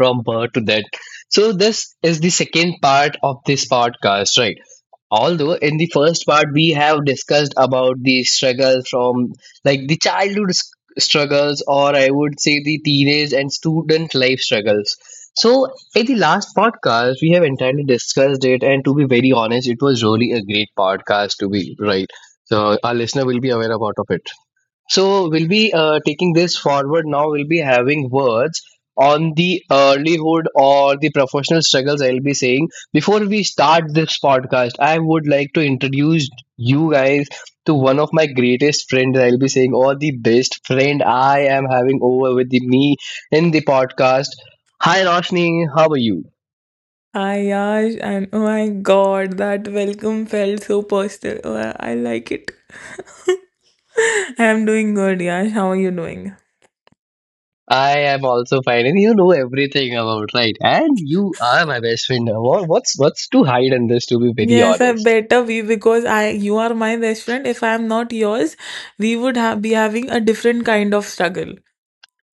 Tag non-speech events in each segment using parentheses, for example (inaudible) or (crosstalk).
from birth to death. So, this is the second part of this podcast, right? Although, in the first part, we have discussed about the struggles from like the childhood struggles, or I would say the teenage and student life struggles. So, in the last podcast, we have entirely discussed it, and to be very honest, it was really a great podcast to be right. So, our listener will be aware about of it. So we'll be taking this forward now. We'll be having words on the earlyhood or the professional struggles. I'll be saying before we start this podcast, I would like to introduce you guys to one of my greatest friends. I'll be saying or the best friend I am having over with the, me in the podcast. Hi Roshni, how are you? Ayash, and oh my god, that welcome felt so personal. Oh, I like it. (laughs) I am doing good, Yash. How are you doing? I am also fine, and you know everything about right. And you are my best friend. What's to hide in this? To be very Yes, I honest. better be because I you are my best friend. If I am not yours, we would have be having a different kind of struggle.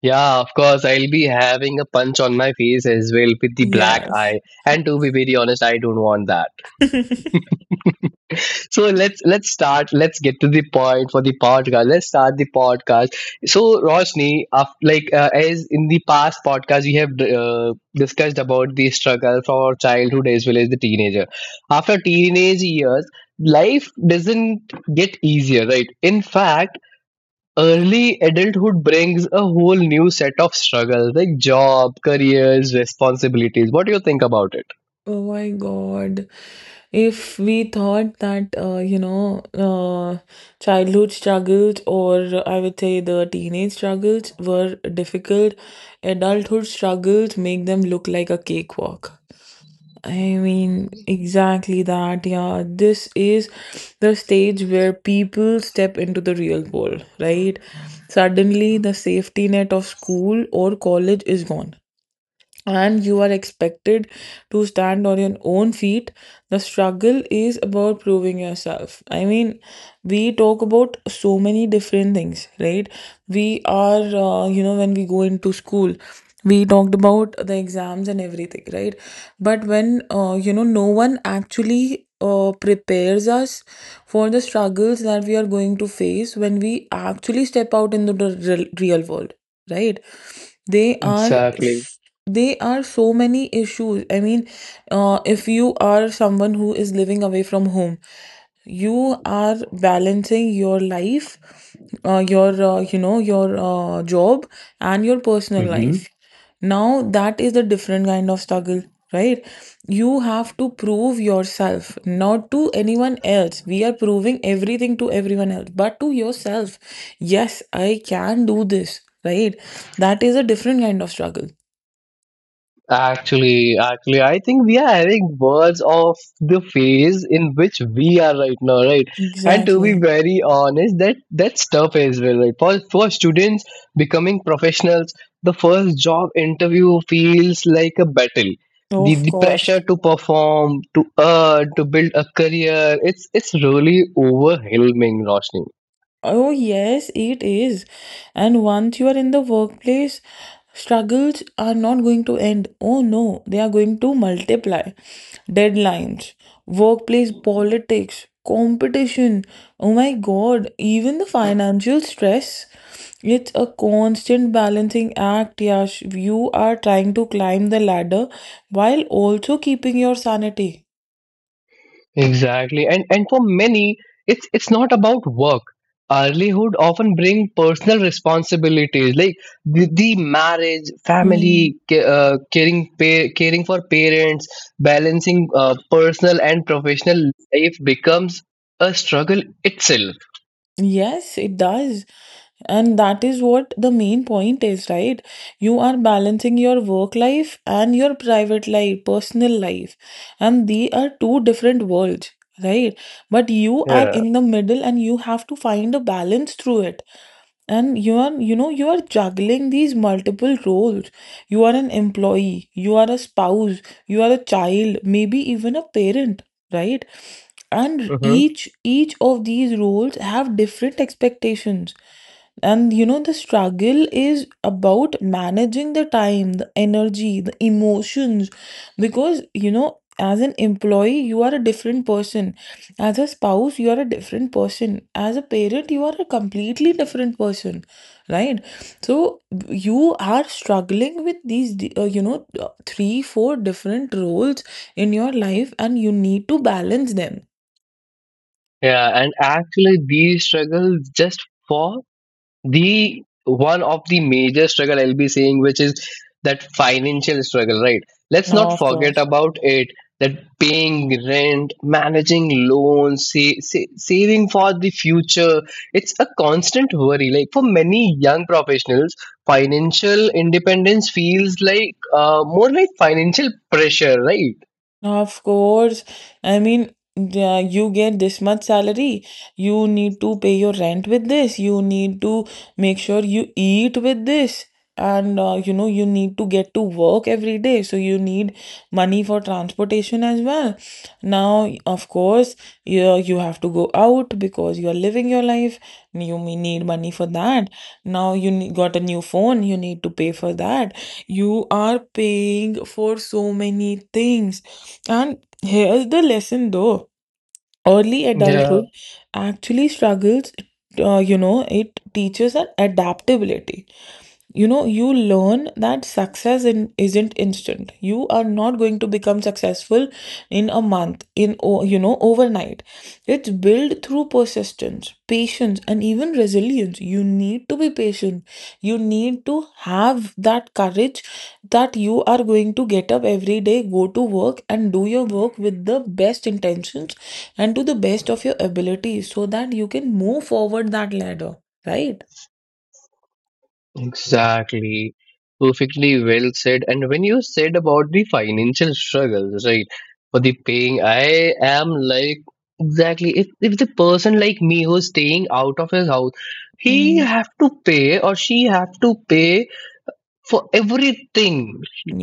Yeah, of course. I'll be having a punch on my face as well with the black Yes. eye. And to be very honest, I don't want that. (laughs) So let's start. Let's get to the point for the podcast. Let's start the podcast. So Roshni, as in the past podcast, we have discussed about the struggle from our childhood as well as the teenager. After teenage years, life doesn't get easier, right? In fact early adulthood brings a whole new set of struggles like job, careers, responsibilities. What do you think about it? Oh my God. If we thought that, childhood struggles, or I would say the teenage struggles, were difficult, adulthood struggles make them look like a cakewalk. I mean, exactly that. Yeah, this is the stage where people step into the real world, right? Suddenly, the safety net of school or college is gone and you are expected to stand on your own feet. The struggle is about proving yourself. I mean, we talk about so many different things, right? We are, when we go into school, we talked about the exams and everything, right? But when no one actually prepares us for the struggles that we are going to face when we actually step out into the real world, right? they are Exactly. they are so many issues. I mean, if you are someone who is living away from home, you are balancing your life, your your job and your personal life. Now that is the different kind of struggle, right? You have to prove yourself, not to anyone else. We are proving everything to everyone else, but to yourself. Yes, I can do this, right? That is a different kind of struggle. Actually, I think we are having words of the phase in which we are right now, right? And to be Exactly. very honest, that's tough as well, right? For students becoming professionals, the first job interview feels like a battle. The, Of the course. pressure to perform, to earn, to build a career, it's really overwhelming, Roshni. Oh, yes, it is. And once you are in the workplace, struggles are not going to end. Oh, no, they are going to multiply. Deadlines, workplace politics, competition. Oh my God, even the financial stress. It's a constant balancing act, Yash. You are trying to climb the ladder while also keeping your sanity. Exactly. And for many, it's not about work. Earlyhood often bring personal responsibilities like the marriage, Hmm. family, caring caring for parents, balancing personal and professional life becomes a struggle itself. Yes, it does. And that is what the main point is, right? You are balancing your work life and your private life, personal life, and they are two different worlds, right? But you are Yeah. in the middle and you have to find a balance through it. And you are, you are juggling these multiple roles. You are an employee, you are a spouse, you are a child, maybe even a parent, right? And Mm-hmm. each of these roles have different expectations and, you know, the struggle is about managing the time, the energy, the emotions. Because, you know, as an employee, you are a different person. As a spouse, you are a different person. As a parent, you are a completely different person, right? So you are struggling with these, three, four different roles in your life, and you need to balance them. Yeah, and actually these struggles just fall the one of the major struggle I'll be saying which is that financial struggle right, let's not No, of forget course. about it that paying rent, managing loans, saving for the future, it's a constant worry like for many young professionals financial independence feels like more like financial pressure right Of course. I mean, yeah, you get this much salary. You need to pay your rent with this. You need to make sure you eat with this. And, you need to get to work every day. So you need money for transportation as well. Now, of course, you have to go out because you are living your life. You may need money for that. Now you got a new phone. You need to pay for that. You are paying for so many things. And here's the lesson, though: early yeah. adulthood actually, struggles, it teaches an adaptability. You know, you learn that success in, isn't instant. You are not going to become successful in a month, in overnight. It's built through persistence, patience, and even resilience. You need to be patient, you need to have that courage that you are going to get up every day, go to work, and do your work with the best intentions and to the best of your ability, so that you can move forward that ladder, right? it- Exactly. Perfectly well said. And when you said about the financial struggles, right, for the paying, I am like, exactly. If the person like me who's staying out of his house, he Mm, have to pay or she have to pay for everything,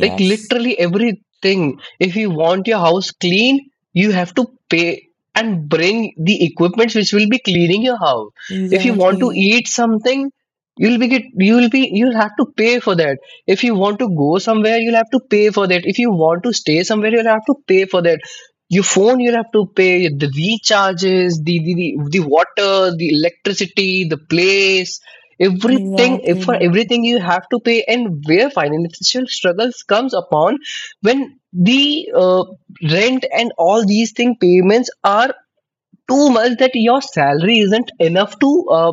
like literally everything. If you want your house clean, you have to pay and bring the equipments which will be cleaning your house. If you want to exactly. eat something, you'll be get you'll be you'll have to pay for that. If you want to go somewhere, you'll have to pay for that. If you want to stay somewhere, you'll have to pay for that. Your phone, you'll have to pay the recharges, the water, the electricity, the place, everything. If Exactly, for dude. everything you have to pay, and where financial struggles comes upon when the rent and all these thing payments are too much that your salary isn't enough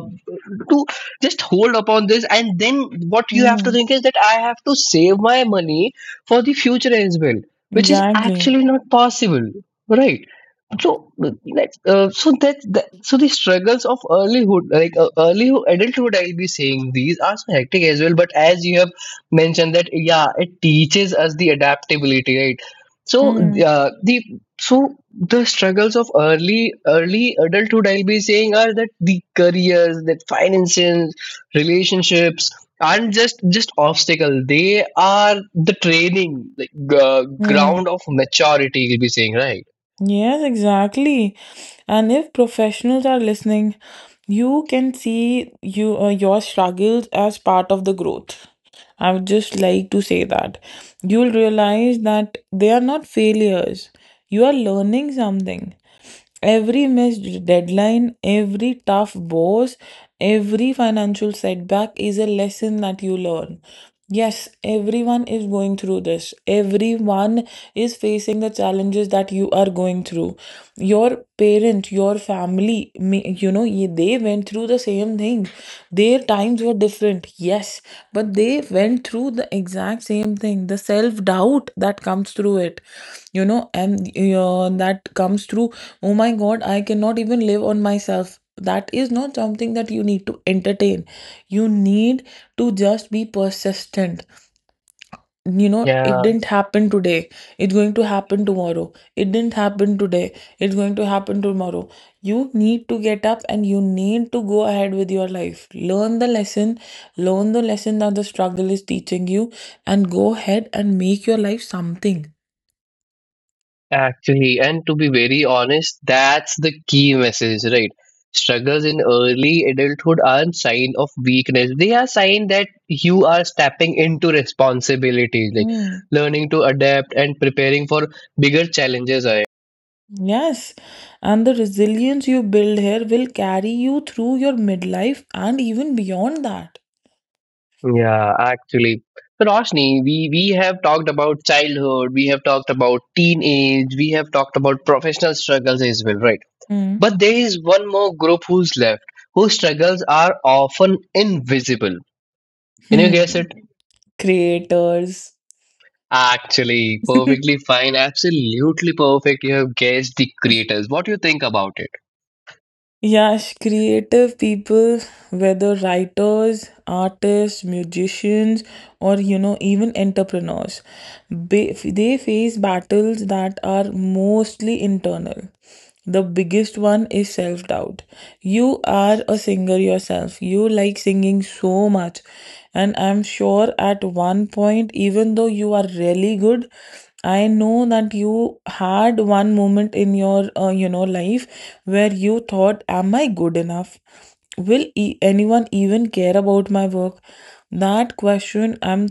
to just hold upon this and then what you have to Mm, think is that I have to save my money for the future as well, which is exactly. actually not possible right. So let's so that, that so the struggles of earlyhood like early adulthood I'll be saying these are so hectic as well, but as you have mentioned that yeah it teaches us the adaptability right. So Mm, the so the struggles of early adulthood I'll be saying are that the careers, that finances, relationships aren't just obstacle, they are the training like mm. ground of maturity you'll be saying right, Yes, exactly. And if professionals are listening, you can see your struggles as part of the growth. I would just like to say that you'll realize that they are not failures. You are learning something. Every missed deadline, every tough boss, every financial setback is a lesson that you learn. Yes, everyone is going through this. Everyone is facing the challenges that you are going through. Your parent, your family, they went through the same thing. Their times were different, yes, but they went through the exact same thing. The self doubt that comes through it, you know, and that comes through, oh my God, I cannot even live on myself, that is not something that you need to entertain. You need to just be persistent. You know, it yeah. didn't happen today, it's going to happen tomorrow. It didn't happen today, it's going to happen tomorrow. You need to get up and you need to go ahead with your life. Learn the lesson, learn the lesson that the struggle is teaching you, and go ahead and make your life something. Actually, and to be very honest, that's the key message, right? Struggles in early adulthood aren't sign of weakness. They are sign that you are stepping into responsibilities, like Hmm. learning to adapt and preparing for bigger challenges ahead. Yes, and the resilience you build here will carry you through your midlife and even beyond that. Yeah, actually. So Roshni, we have talked about childhood, we have talked about teenage, we have talked about professional struggles as well, right? Mm. But there is one more group who's left, whose struggles are often invisible. Can you guess Hmm. it? Creators. Actually, (laughs) perfectly fine. Absolutely perfect. You have guessed the creators. What do you think about it? Yes, creative people, whether writers, artists, musicians, or, you know, even entrepreneurs. They face battles that are mostly internal. The biggest one is self doubt. You are a singer yourself. You like singing so much. And I'm sure at one point, even though you are really good, I know that you had one moment in your, life where you thought, "Am I good enough? Will anyone even care about my work?" That question, I'm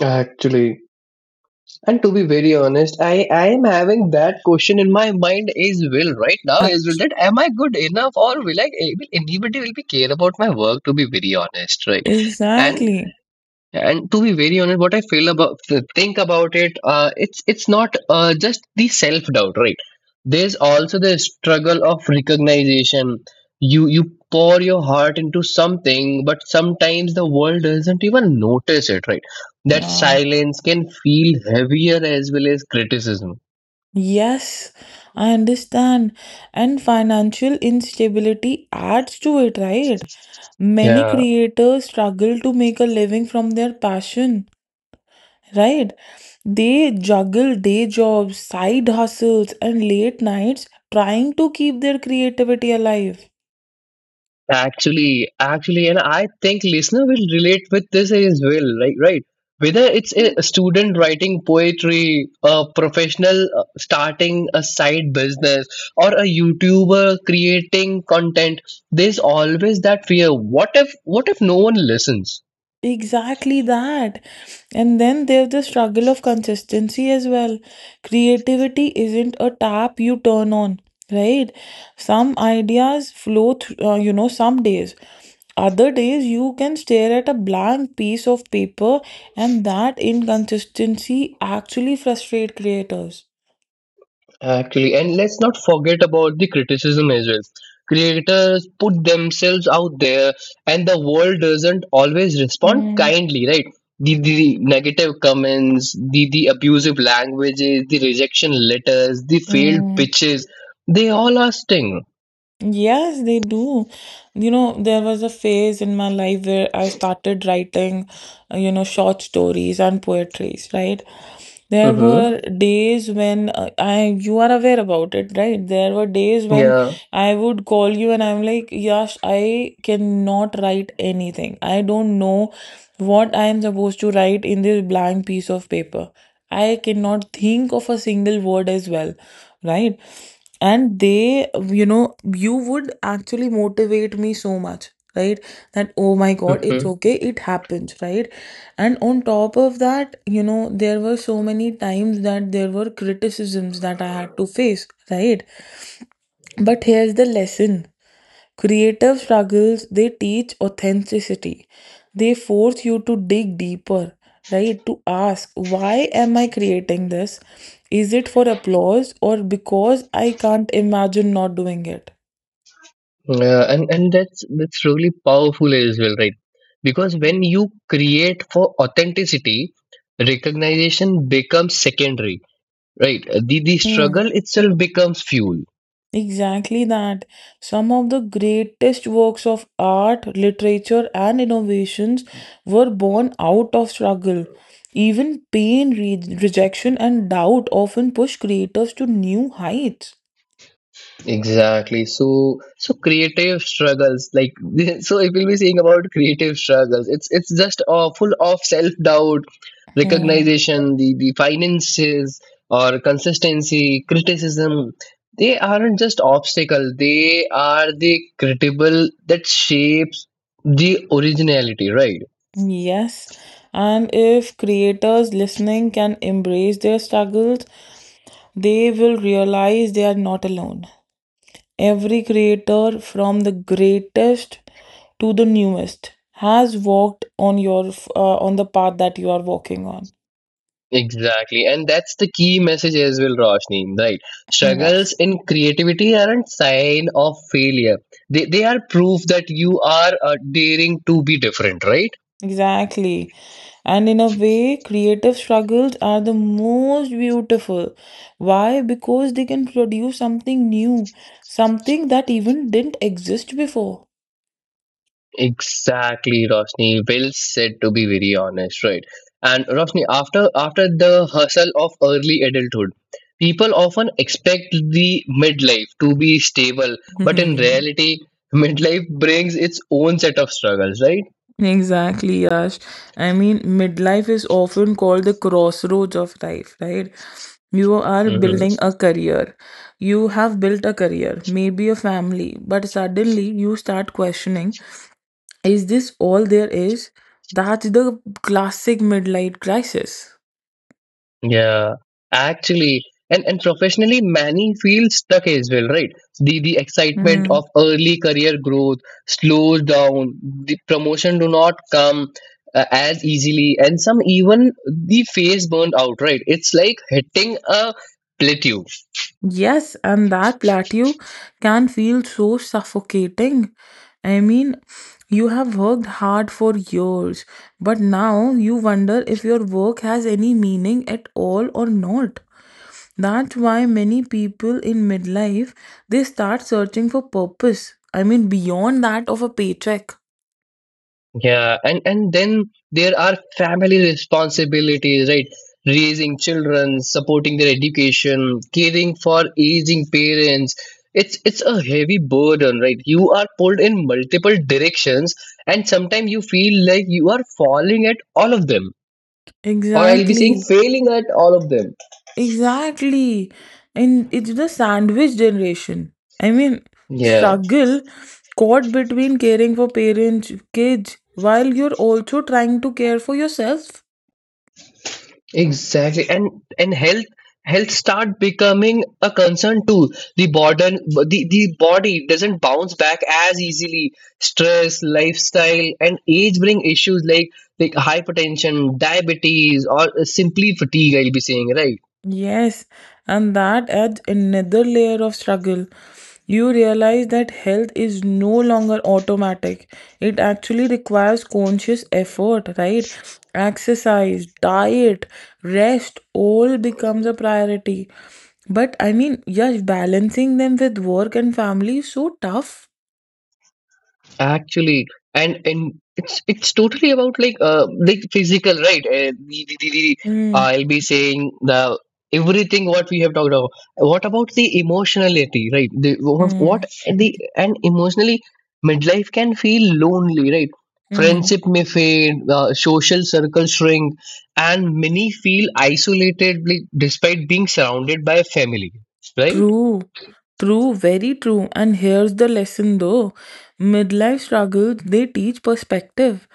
Actually, and to be very honest, I am having that question in my mind as well right now Uh, as well, that am I good enough or will anybody will be care about my work, to be very honest, right? And exactly. And to be very honest, what I feel about think about it, it's not just the self doubt, right? There's also the struggle of recognition. You pour your heart into something, but sometimes the world doesn't even notice it, right? That Uh, silence can feel heavier as well as criticism. yes, I understand. And financial instability adds to it, right? Many Yeah. creators struggle to make a living from their passion, right? They juggle day jobs, side hustles, and late nights trying to keep their creativity alive. Actually, and I think listener will relate with this as well, right? Right. Whether it's a student writing poetry, a professional starting a side business, or a YouTuber creating content, there's always that fear. What if no one listens? Exactly that. And then there's the struggle of consistency as well. Creativity isn't a tap you turn on, right? Some ideas flow, some days. Other days, you can stare at a blank piece of paper, and that inconsistency actually frustrates creators. Actually, and let's not forget about the criticism as well. Creators put themselves out there, and the world doesn't always respond Mm, kindly, right? The negative comments, the abusive languages, the rejection letters, the failed mm. pitches, they all are sting. Yes, they do. You know, there was a phase in my life where I started writing, short stories and poetries, right? There Mm-hmm. were days when, I, you are aware about it, right? There were days when Yeah. I would call you and I'm like, Yash, I cannot write anything. I don't know what I am supposed to write in this blank piece of paper. I cannot think of a single word as well, right? And they you know, you would actually motivate me so much, right? That oh my god, it's Mm-hmm. okay, it happens, right? And on top of that, you know, there were so many times that there were criticisms that I had to face, right? But here's the lesson. Creative struggles, they teach authenticity. They force you to dig deeper, right? To ask, why am I creating this? Is it for applause or because I can't imagine not doing it? Yeah. And that's really powerful as well, right? Because when you create for authenticity, recognition becomes secondary. Right. The Hmm, struggle itself becomes fuel. exactly that. Some of the greatest works of art, literature, and innovations were born out of struggle. Even pain, rejection, and doubt often push creators to new heights. Exactly. So creative struggles like (laughs) so if we'll be saying about creative struggles, it's just full of self doubt, Hmm. recognition, the finances or consistency, criticism. They aren't just obstacle. They are the critical that shapes the originality, right? Yes, and if creators listening can embrace their struggles, they will realize they are not alone. Every creator, from the greatest to the newest, has walked on your on the path that you are walking on. Exactly. And that's the key message as well, Roshni, right? Hmm. Struggles Yes, in creativity aren't sign of failure. They are proof that you are daring to be different, right? exactly. And in a way, creative struggles are the most beautiful. Why? Because they can produce something new, something that even didn't exist before. Exactly, Roshni. Well said, to be very honest, right? And Roshni, after the hustle of early adulthood, people often expect the midlife to be stable, but in (laughs) reality, (laughs) midlife brings its own set of struggles, right? Exactly, Yash. I mean, midlife is often called the crossroads of life, right? You are Mm-hmm. building a career. You have built a career, maybe a family, but suddenly you start questioning, is this all there is? That's the classic midlife crisis. Yeah, actually, and professionally, many feel stuck as well, right? The excitement of Hmm. early career growth slows down. The promotion do not come as easily, and some even the face burned out, right? It's like hitting a plateau. Yes, and that plateau can feel so suffocating. I mean, you have worked hard for years, but now you wonder if your work has any meaning at all or not. That's why many people in midlife, they start searching for purpose. I mean, beyond that of a paycheck. Yeah, and then there are family responsibilities, right? Raising children, supporting their education, caring for aging parents. It's a heavy burden, right? You are pulled in multiple directions, and sometimes you feel like you are falling at all of them, or I'll be saying Exactly. failing at all of them. Exactly. And it's the sandwich generation. I mean, Yeah. struggle caught between caring for parents, kids, while you're also trying to care for yourself. Exactly, and health start becoming a concern too. The body doesn't bounce back as easily. Stress, lifestyle, and age bring issues like hypertension, diabetes, or simply fatigue. I'll be saying right. Yes, and that adds another layer of struggle. You realize that health is no longer automatic. It actually requires conscious effort, right? Exercise, diet, rest, all becomes a priority. But I mean, yes, balancing them with work and family is so tough. Actually, and it's totally about like physical, right? Mm, I'll be saying the everything what we have talked about. What about the emotionality, right? The what mm, the and emotionally midlife can feel lonely, right? mm. Friendship may fade, social circles shrink, and many feel isolated like, despite being surrounded by a family, right? True, true, very true. And here's the lesson, though: midlife struggles, they teach perspective.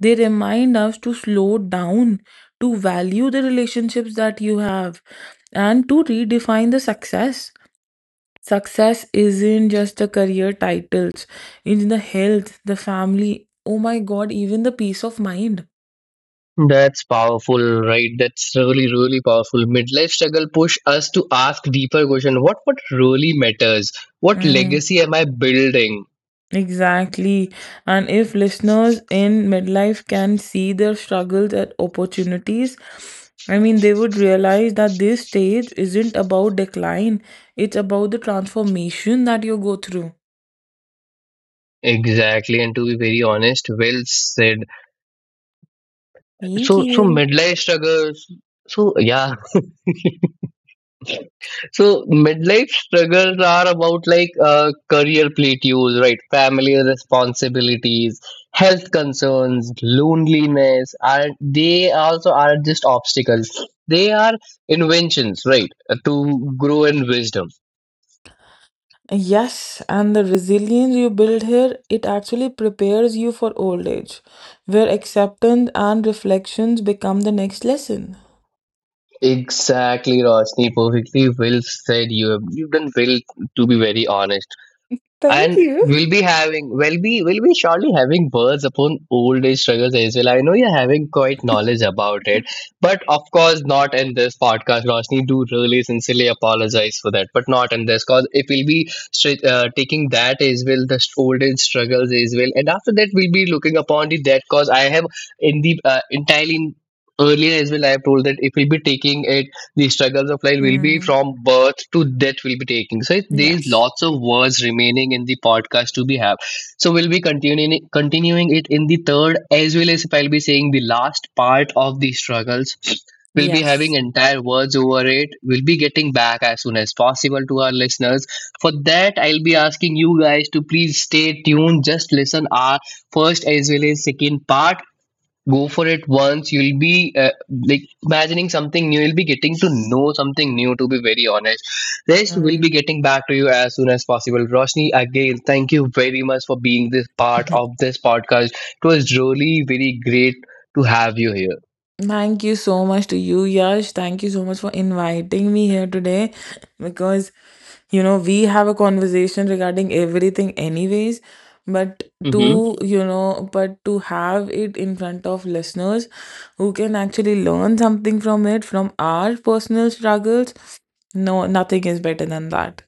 They remind us to slow down, to value the relationships that you have, and to redefine the success. Success isn't just the career titles, it's the health, the family, oh my god, even the peace of mind. That's powerful, right? That's really, really powerful. Midlife struggle push us to ask deeper question. What really matters? What Hmm. legacy am I building? Exactly. And if listeners in midlife can see their struggles and opportunities, I mean, they would realize that this stage isn't about decline, it's about the transformation that you go through. Exactly. And to be very honest, well said. Thank So you. midlife struggles. So yeah, so midlife struggles are about like career plateaus, right? Family responsibilities, health concerns, loneliness. Are they also are just obstacles? They are inventions, right? To grow in wisdom. Yes, and the resilience you build here, it actually prepares you for old age, where acceptance and reflections become the next lesson. Exactly, Rosni. Perfectly well said. You've done well. To be very honest. Thank And you. we'll be surely having words upon old age struggles as well. I know you're having quite knowledge about it, but of course not in this podcast, Roshni, do really sincerely apologize for that. But not in this cause if we'll be straight, taking that as well the old age struggles as well, and after that we'll be looking upon the that cause I have in the entirely earlier as well I have told that if we'll be taking it, the struggles of life will be Mm, from birth to death will be taking. So there's yes. lots of words remaining in the podcast to be have, so we'll be continuing it in the third as well as if I'll be saying the last part of the struggles. We'll be having Yes. entire words over it. We'll be getting back as soon as possible to our listeners. For that I'll be asking you guys to please stay tuned, just listen our first as well as second part, go for it. Once you'll be like imagining something new, you'll be getting to know something new, to be very honest. Rest will be Mm. getting back to you as soon as possible, Roshni. Again thank you very much for being this part of (laughs) this podcast. It was really very great to have you here. Thank you so much to you, Yash. Thank you so much for inviting me here today (laughs) because, you know, we have a conversation regarding everything, anyways. But Hmm, to, you know, but to have it in front of listeners who can actually learn something from it, from our personal struggles, no, nothing is better than that.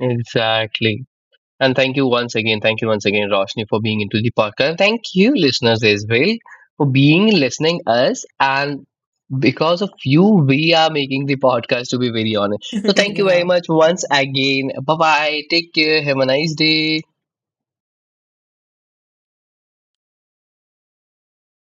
exactly. And thank you once again, thank you once again, Roshni, for being into the podcast. And thank you, listeners, as well, for being listening us. And because of you, we are making the podcast, to be very honest. So (laughs) thank you very yeah. much once again. Bye bye. Take care. Have a nice day.